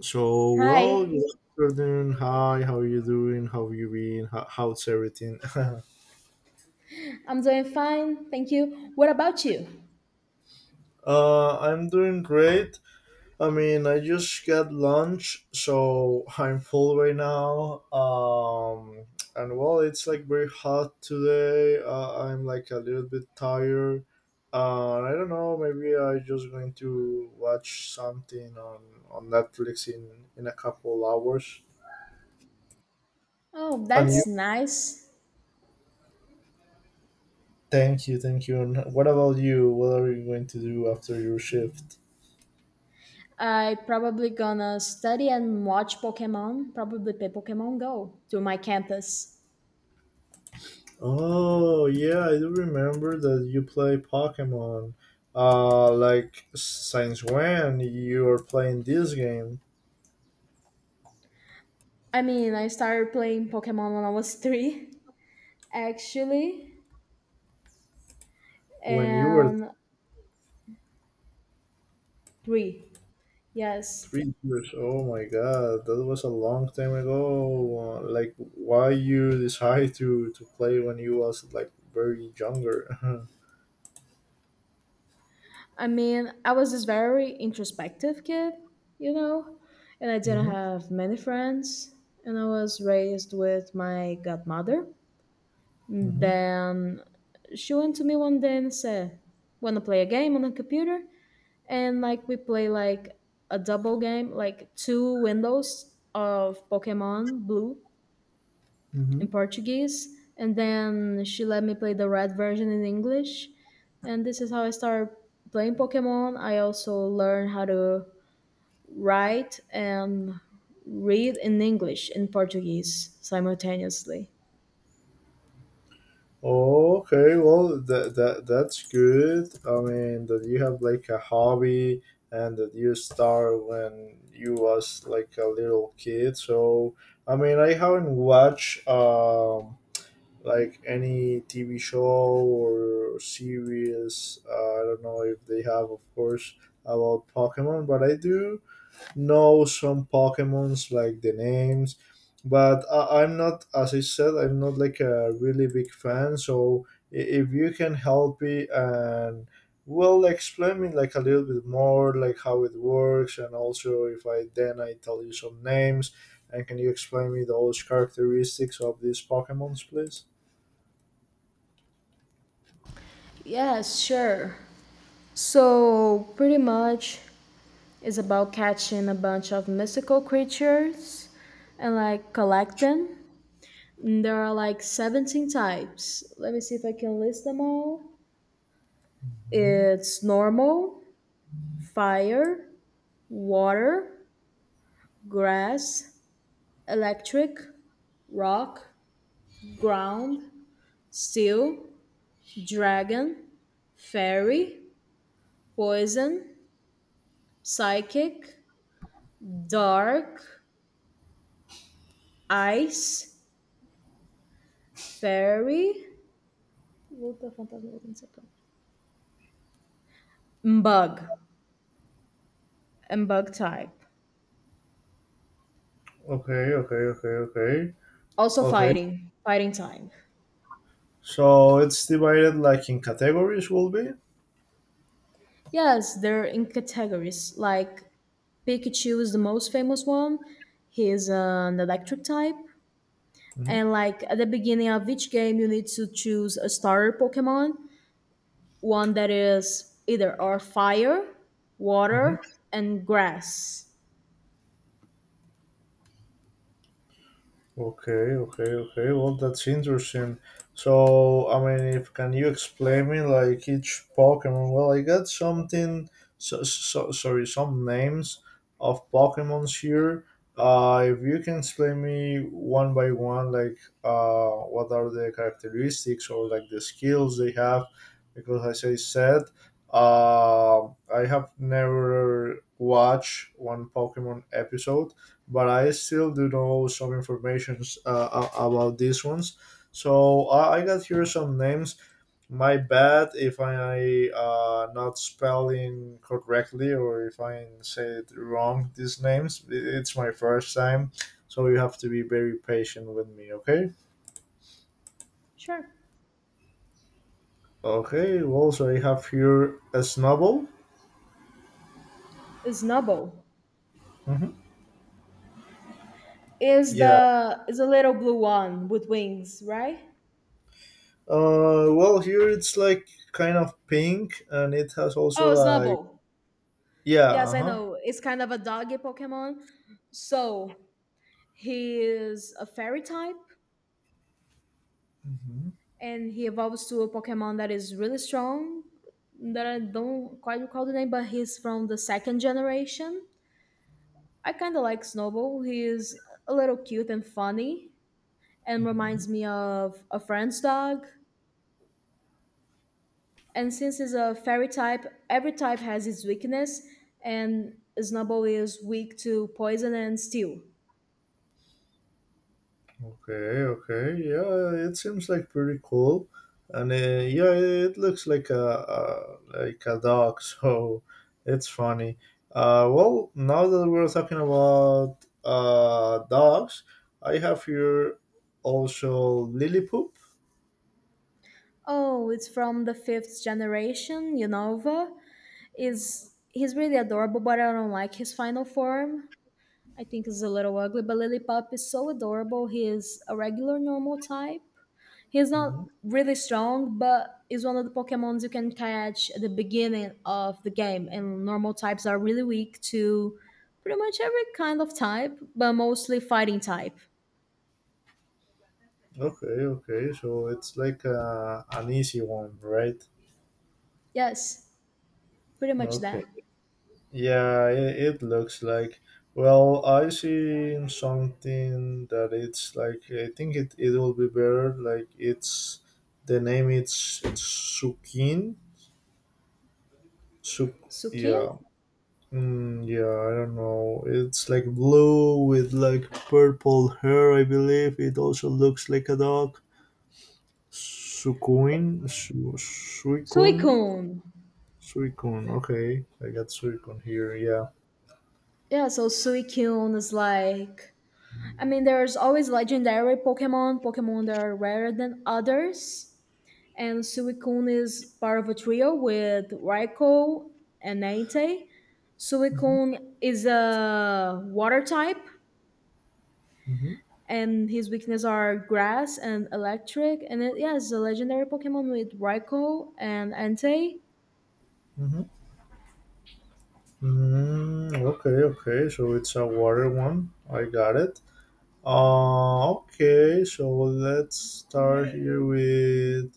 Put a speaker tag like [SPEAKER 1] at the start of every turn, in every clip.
[SPEAKER 1] So, well,
[SPEAKER 2] Hi,
[SPEAKER 1] good afternoon. Hi, how you doing? How you been? How's everything?
[SPEAKER 2] I'm doing fine, thank you. What about you?
[SPEAKER 1] I'm doing great. I mean, I just got lunch, so I'm full right now. And well, it's like very hot today. I'm like a little bit tired. I don't know. Maybe I am just going to watch something on Netflix in a couple hours.
[SPEAKER 2] Oh,
[SPEAKER 1] And you?
[SPEAKER 2] that's nice.
[SPEAKER 1] Thank you, thank you. And what about you? What are you going to do after your shift?
[SPEAKER 2] I probably gonna study and watch Pokemon, probably play Pokemon Go to my campus.
[SPEAKER 1] Oh yeah, I do remember that you play Pokemon. Like since when you were playing this game?
[SPEAKER 2] I started playing Pokemon when I was three, actually,
[SPEAKER 1] When you were
[SPEAKER 2] and three, yes.
[SPEAKER 1] 3 years? Oh my god, that was a long time ago. Like why you decide to play when you was like very younger?
[SPEAKER 2] I was this very introspective kid, you know, and I didn't
[SPEAKER 1] Mm-hmm,
[SPEAKER 2] have many friends, and I was raised with my godmother.
[SPEAKER 1] mm-hmm.
[SPEAKER 2] Then she went to me one day and said, "Wanna play a game on the computer?" And like we play like a double game, like two windows of Pokemon Blue
[SPEAKER 1] Mm-hmm.
[SPEAKER 2] in Portuguese, and then she let me play the red version in English. And this is how I started playing Pokemon. I also learned how to write and read in English and Portuguese simultaneously.
[SPEAKER 1] Okay, well that's good. I mean that you have like a hobby and that you start when you was like a little kid. So I mean I haven't watched like any TV show or series. I don't know if they have of course about Pokemon, but I do know some Pokemons like the names, but I'm not, as I said, I'm not like a really big fan. So if you can help me and well explain me like a little bit more like how it works and also if I then I tell you some names and can you explain me those characteristics of these pokemons please.
[SPEAKER 2] Yes, sure. So, pretty much, it's about catching a bunch of mystical creatures and like collect them. And there are like 17 types. Let me see if I can list them all.
[SPEAKER 1] Mhm.
[SPEAKER 2] It's normal, fire, water, grass, electric, rock, ground, steel, dragon, fairy, poison, psychic, dark, ice, fairy? Both the phantasm and Saturn. Mbug. Mbug type.
[SPEAKER 1] Okay, okay, okay, okay,
[SPEAKER 2] Also
[SPEAKER 1] okay.
[SPEAKER 2] fighting. Fighting type.
[SPEAKER 1] So it's divided like in categories will be.
[SPEAKER 2] Yes, they're in categories. Like Pikachu is the most famous one. He is an electric type. And like at the beginning of each game you need to choose a starter Pokemon. One that is either or fire,
[SPEAKER 1] Mm-hmm.
[SPEAKER 2] water, and grass.
[SPEAKER 1] Okay, okay, okay. Well, that's interesting. So, I mean, if can you explain me like each Pokemon? Well, I got something. So sorry, some names of Pokemons here. If you can explain me one by one, like, what are the characteristics or like the skills they have, because as I said, uh, I have never watched one Pokemon episode but I still do know some information about these ones. So I got here some names. My bad if I not spelling correctly or if I say it wrong. These names. It's my first time, so you have to be very patient with me. Okay.
[SPEAKER 2] Sure.
[SPEAKER 1] Okay. Well, so I have here a snubble.
[SPEAKER 2] Snubble.
[SPEAKER 1] Hmm.
[SPEAKER 2] Is
[SPEAKER 1] Yeah.
[SPEAKER 2] the is a little blue one with wings, right?
[SPEAKER 1] Well, here it's like kind of pink, and it has also
[SPEAKER 2] Oh,
[SPEAKER 1] like,
[SPEAKER 2] Snubble.
[SPEAKER 1] yeah. Uh
[SPEAKER 2] Yes, I
[SPEAKER 1] huh.
[SPEAKER 2] know. It's kind of a doggy Pokemon. So he is a fairy type,
[SPEAKER 1] Hmm.
[SPEAKER 2] and he evolves to a Pokemon that is really strong. That I don't quite recall the name, but he's from the second generation. I kind of like Snowball. He is a little cute and funny, and reminds me of a friend's dog. And since he's a fairy type, every type has its weakness, and Snubble is weak to poison and steel.
[SPEAKER 1] Okay, okay, yeah, it seems like pretty cool, and yeah, it looks like a like a dog, so it's funny. Well, now that we're talking about dogs, I have here also Lily Poop.
[SPEAKER 2] Oh, it's from the fifth generation, Unova. Is he's really adorable, but I don't like his final form. I think he's a little ugly, but Lillipup is so adorable. He is a regular normal type. He's not
[SPEAKER 1] Mhm.
[SPEAKER 2] really strong, but is one of the Pokemons you can catch at the beginning of the game. And normal types are really weak to pretty much every kind of type, but mostly fighting type.
[SPEAKER 1] Okay, okay, so it's like a an easy one, right?
[SPEAKER 2] Yes, pretty much
[SPEAKER 1] Okay.
[SPEAKER 2] that.
[SPEAKER 1] Yeah, it looks like. Well, I see something that it's like I think it will be better. Like it's the name. It's Sukin. Suk.
[SPEAKER 2] Suki?
[SPEAKER 1] Yeah. Mm, yeah. I don't know. It's like blue with like purple hair. I believe it also looks like a dog. Sukuin. Suikun.
[SPEAKER 2] Suicune.
[SPEAKER 1] Suikun. Okay, I got Suikun here. Yeah.
[SPEAKER 2] Yeah, so Suicune is like I mean, there's always legendary Pokemon, Pokemon that are rarer than others. And Suicune is part of a trio with Raikou and Entei. Suicune is a water type
[SPEAKER 1] Hmm.
[SPEAKER 2] and his weaknesses are grass and electric and it, yeah, it's a legendary Pokemon with Raikou and Entei.
[SPEAKER 1] Hmm. Mm, okay, okay. So it's a water one. I got it. Okay. So let's start here with.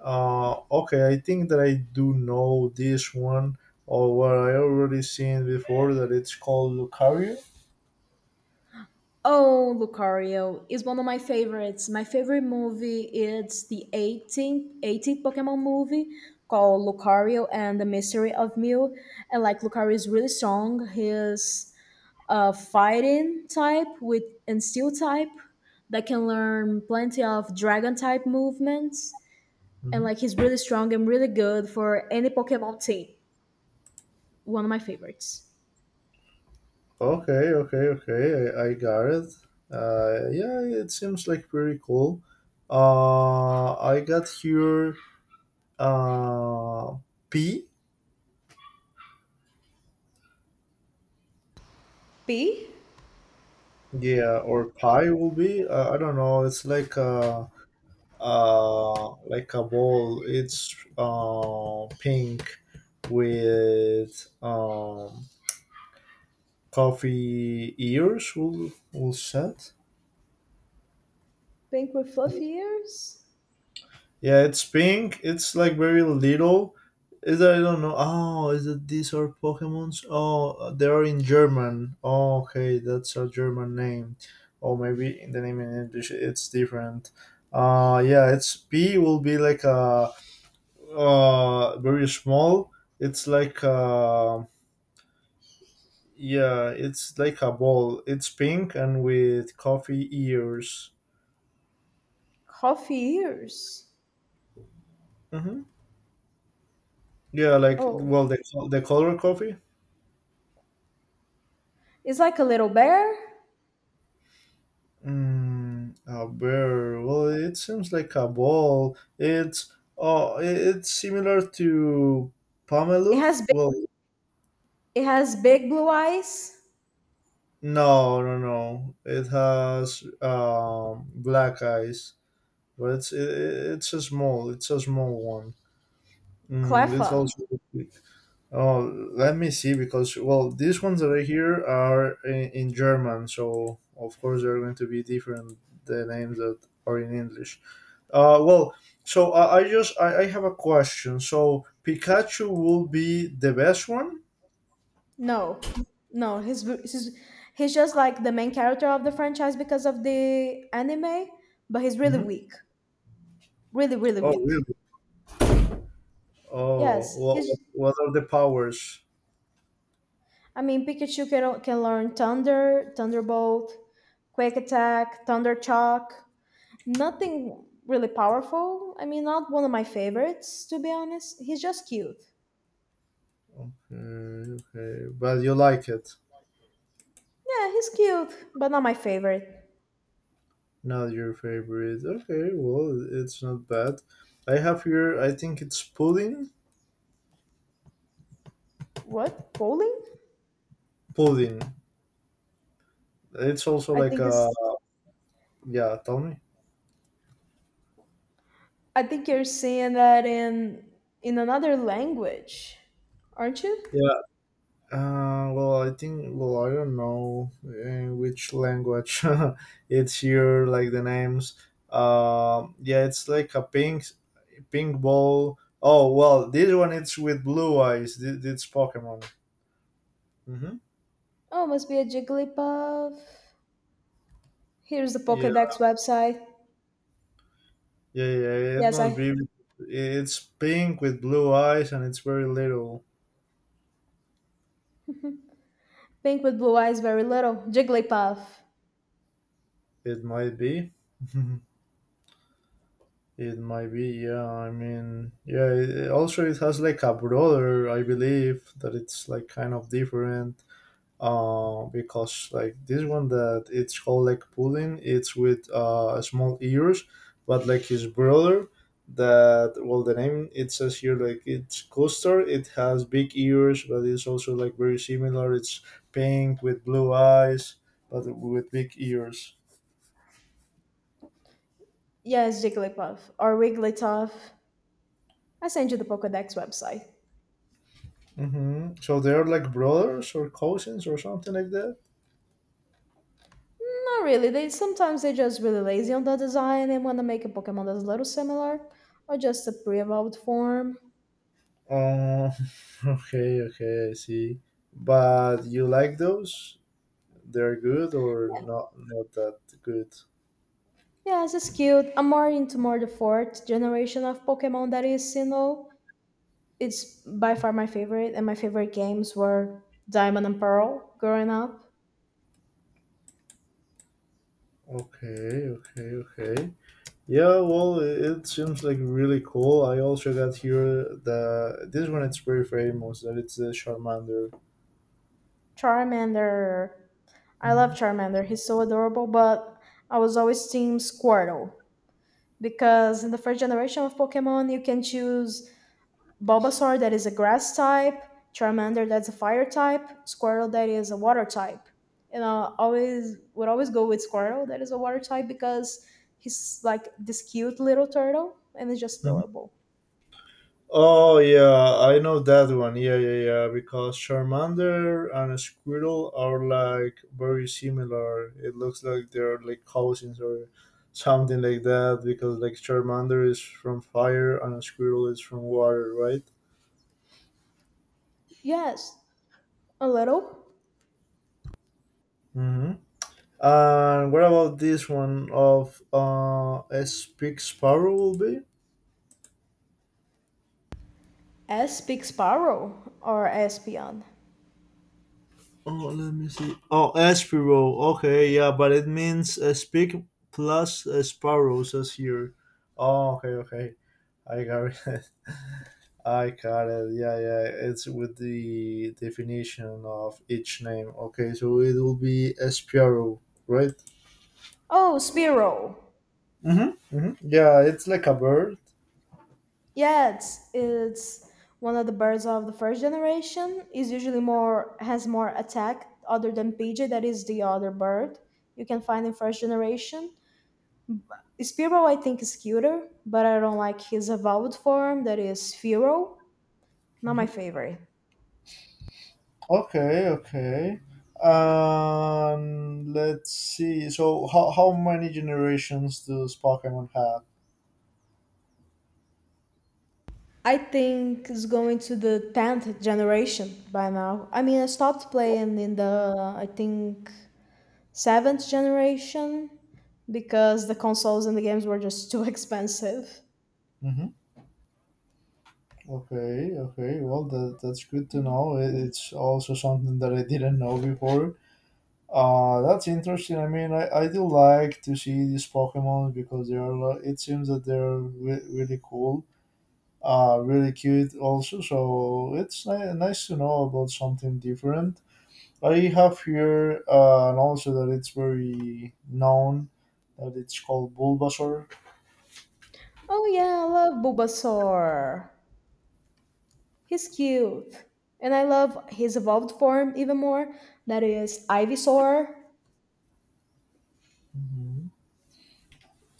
[SPEAKER 1] Okay. I think that I do know this one, or what I already seen before. That it's called Lucario.
[SPEAKER 2] Oh, Lucario is one of my favorites. My favorite movie is the 18th Pokemon movie called Lucario and the Mystery of Mew. And like Lucario is really strong. He's a fighting type with and steel type that can learn plenty of dragon type movements. And
[SPEAKER 1] Hmm.
[SPEAKER 2] like he's really strong and really good for any Pokemon team. One of my favorites.
[SPEAKER 1] Okay, okay, okay. I got it. Yeah, it seems like pretty cool. I got here. Uh, P.
[SPEAKER 2] P?
[SPEAKER 1] Yeah, or pie will be. I don't know. It's like a, like a ball. It's pink with coffee ears. Will set.
[SPEAKER 2] Pink with fluffy ears?
[SPEAKER 1] Yeah, it's pink. It's like very little. Is that I don't know. Oh, is it these are Pokemons? Oh, they are in German. Oh, okay, that's a German name. Or maybe in the name in English it's different. Yeah, it's P will be like a very small. It's like yeah, it's like a ball. It's pink and with coffee ears.
[SPEAKER 2] Coffee ears?
[SPEAKER 1] Mm-hmm. Yeah, like
[SPEAKER 2] Oh.
[SPEAKER 1] well, the color coffee.
[SPEAKER 2] It's like a little bear.
[SPEAKER 1] Mm, a bear. Well, it seems like a ball. It's, oh, it's similar to
[SPEAKER 2] It has
[SPEAKER 1] Pameluf.
[SPEAKER 2] big,
[SPEAKER 1] Well,
[SPEAKER 2] it has big blue eyes.
[SPEAKER 1] no, no, no. It has black eyes, but it's a small. It's a small one. Mm, it's
[SPEAKER 2] Cleffa.
[SPEAKER 1] also big. Oh, let me see, because well, these ones that I hear are in German, so of course they're going to be different the names that are in English. Well, so I just I have a question. So Pikachu will be the best one?
[SPEAKER 2] No, no, he's just like the main character of the franchise because of the anime, but he's really
[SPEAKER 1] Hmm.
[SPEAKER 2] weak, really really
[SPEAKER 1] Oh,
[SPEAKER 2] weak.
[SPEAKER 1] really? Oh,
[SPEAKER 2] Yes,
[SPEAKER 1] what
[SPEAKER 2] he's.
[SPEAKER 1] what are the powers?
[SPEAKER 2] Pikachu can learn Thunder, Thunderbolt, Quick Attack, Thunder Chalk. Nothing really powerful. I mean, not one of my favorites to be honest. He's just cute.
[SPEAKER 1] Okay, okay, but you like it.
[SPEAKER 2] Yeah, he's cute, but not my favorite.
[SPEAKER 1] Not your favorite. Okay, well, it's not bad. I have here. I think it's pudding.
[SPEAKER 2] What? Bowling?
[SPEAKER 1] Pudding. It's also
[SPEAKER 2] I
[SPEAKER 1] like
[SPEAKER 2] think
[SPEAKER 1] a,
[SPEAKER 2] it's
[SPEAKER 1] yeah. Tell me.
[SPEAKER 2] I think you're saying that in another language, aren't you?
[SPEAKER 1] Well, I think, well, I don't know in which language it's here, like the names. Yeah, it's like a pink, pink ball. Oh, well, this one it's with blue eyes. This, it's Pokemon. Mm-hmm.
[SPEAKER 2] Oh, must be a Jigglypuff. Here's the
[SPEAKER 1] Yeah,
[SPEAKER 2] Pokédex website.
[SPEAKER 1] yeah, yeah. It
[SPEAKER 2] Yes,
[SPEAKER 1] must
[SPEAKER 2] I
[SPEAKER 1] be. It's pink with blue eyes, and it's very little.
[SPEAKER 2] Pink with blue eyes, very little. Jigglypuff.
[SPEAKER 1] It might be. It might be, yeah. I mean, yeah. It has like a brother, I believe, that it's like kind of different. Because like this one that it's called like Pudding, it's with small ears, but like his brother that well the name it says here like it's Custer. It has big ears, but it's also like very similar. It's pink with blue eyes, but with big ears.
[SPEAKER 2] Yes, Jigglypuff or Wigglytuff. I sent you the Pokédex website.
[SPEAKER 1] Hmm. So they're like brothers or cousins or something like that.
[SPEAKER 2] Not really. They sometimes they're just really lazy on the design and want to make a Pokemon that's a little similar or just a pre-evolved form.
[SPEAKER 1] Oh, okay, okay, I see. But you like those? They're good or not that good?
[SPEAKER 2] Yeah, it's cute. I'm more into more the fourth generation of Pokemon that is, you know, it's by far my favorite, and my favorite games were Diamond and Pearl growing up.
[SPEAKER 1] Okay, okay, okay. Yeah, well, it seems like really cool. I also got here the this one. It's very famous. That it's the Charmander.
[SPEAKER 2] Charmander, I love
[SPEAKER 1] Mhm.
[SPEAKER 2] Charmander. He's so adorable, but I was always team Squirtle because in the first generation of Pokemon, you can choose Bulbasaur that is a grass type, Charmander that's a fire type, Squirtle that is a water type. And I always would always go with Squirtle that is a water type because he's like this cute little turtle and it's just
[SPEAKER 1] Mhm.
[SPEAKER 2] adorable.
[SPEAKER 1] Oh yeah, I know that one. Yeah, yeah, yeah. Because Charmander and Squirtle are like very similar. It looks like they're like cousins or something like that. Because like Charmander is from fire and Squirtle is from water, right?
[SPEAKER 2] Yes, a little.
[SPEAKER 1] Hmm. And what about this one of S. Big Sparrow will be?
[SPEAKER 2] S speaks Sparrow or Espion.
[SPEAKER 1] Oh, let me see. Oh, Espiro. Okay, yeah, but it means a pig plus a sparrow says here. Oh, okay, okay. I got it. I got it. Yeah, yeah. It's with the definition of each name. Okay, so it will be a sparrow, right?
[SPEAKER 2] Oh, Spiro.
[SPEAKER 1] Mm-hmm. Mm-hmm. Yeah, it's like a bird.
[SPEAKER 2] Yeah, it's one of the birds of the first generation. Is usually more has more attack other than PJ. That is the other bird you can find in first generation. Spearow I think is cuter, but I don't like his evolved form. That is Sphero. Not my favorite.
[SPEAKER 1] Okay, okay. Let's see. So, how many generations does Pokemon have?
[SPEAKER 2] I think it's going to the tenth generation by now. I stopped playing in the I think seventh generation because the consoles and the games were just too expensive.
[SPEAKER 1] Hmm. Okay, okay. Well, that's good to know. It's also something that I didn't know before. That's interesting. I mean, I do like to see these Pokemon because they are. It seems that they're really cool. Really cute also. So it's nice to know about something different. I have here and also that it's very known that it's called Bulbasaur.
[SPEAKER 2] Oh yeah, I love Bulbasaur. He's cute. And I love his evolved form even more. That is Ivysaur,
[SPEAKER 1] Hmm.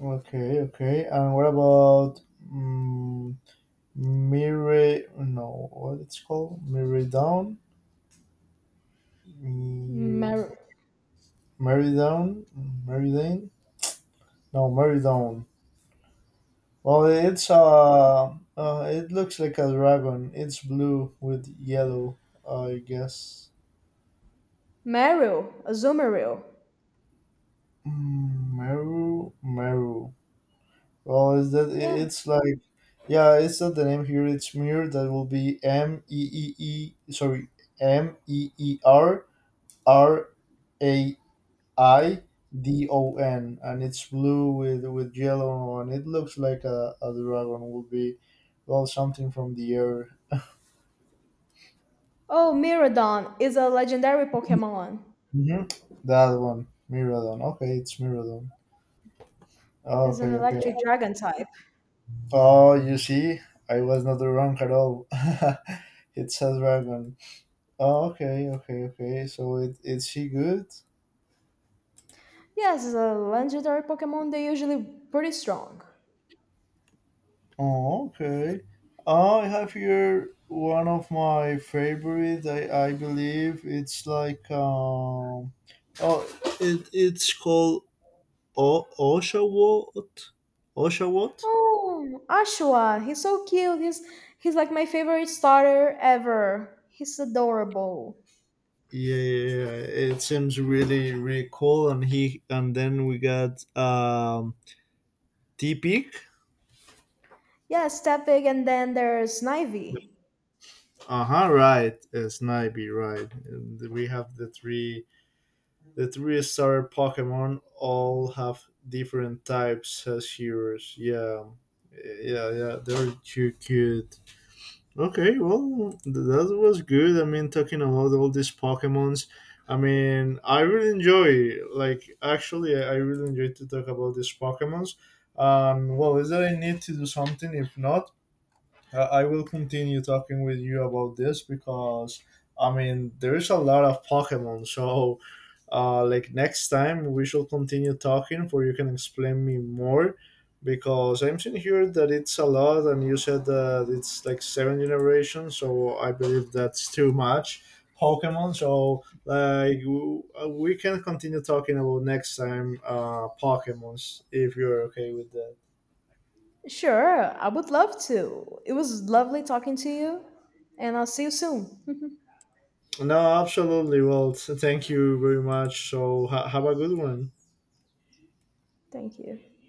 [SPEAKER 1] Okay, okay. And what about um, Mire? No, what it's called? Miridown? Mir-
[SPEAKER 2] Mer-
[SPEAKER 1] Meridown? Meridane? No, Meridown. Well, it's it looks like a dragon. It's blue with yellow, I guess.
[SPEAKER 2] Meryl, Azumarill.
[SPEAKER 1] Mm, Meru, Meru. Well, is that
[SPEAKER 2] Yeah.
[SPEAKER 1] it's like, yeah, it's not the name here. It's mirror. That will be M E E E. Sorry, Meerraidon, and it's blue with yellow, and it looks like a dragon. Will be, well, something from the air.
[SPEAKER 2] Oh, Mirrodon is a legendary Pokemon.
[SPEAKER 1] Hmm. That one, Miradon. Okay, it's Miradon.
[SPEAKER 2] Is an
[SPEAKER 1] Okay, okay.
[SPEAKER 2] electric dragon type.
[SPEAKER 1] Oh, you see, I was not wrong at all. It's a dragon. Oh, okay, okay, okay. So is she good?
[SPEAKER 2] Yes, it's a legendary Pokemon. They're usually pretty strong.
[SPEAKER 1] Oh, okay. Oh, I have here one of my favorite. I believe it's like oh, it's called Oshawott. Oshawott.
[SPEAKER 2] Oh, Ashua. He's so cute. He's like my favorite starter ever. He's adorable.
[SPEAKER 1] Yeah, yeah, yeah. It seems really really cool. And he and then we got T Peak.
[SPEAKER 2] Yeah, Stepik, and then there's Snivy.
[SPEAKER 1] Uh huh. Right, Snipey. Right. And we have The three star Pokemon all have different types as heroes. Yeah, yeah, yeah. They're too cute. Okay, well, that was good. I mean, talking about all these Pokemons. I mean, I really enjoy. Like, actually, I really enjoy to talk about these Pokemons. Well, is that I need to do something? If not, I will continue talking with you about this because I mean, there is a lot of Pokemon. So like next time we should continue talking for you can explain me more, because I'm seeing here that it's a lot and you said that it's like seven generations, so I believe that's too much pokemon, so like we can continue talking about next time pokemons if you're okay with that.
[SPEAKER 2] Sure, I would love to. It was lovely talking to you, and I'll see you soon.
[SPEAKER 1] No, absolutely. Well, thank you very much, so have a good one.
[SPEAKER 2] Thank you.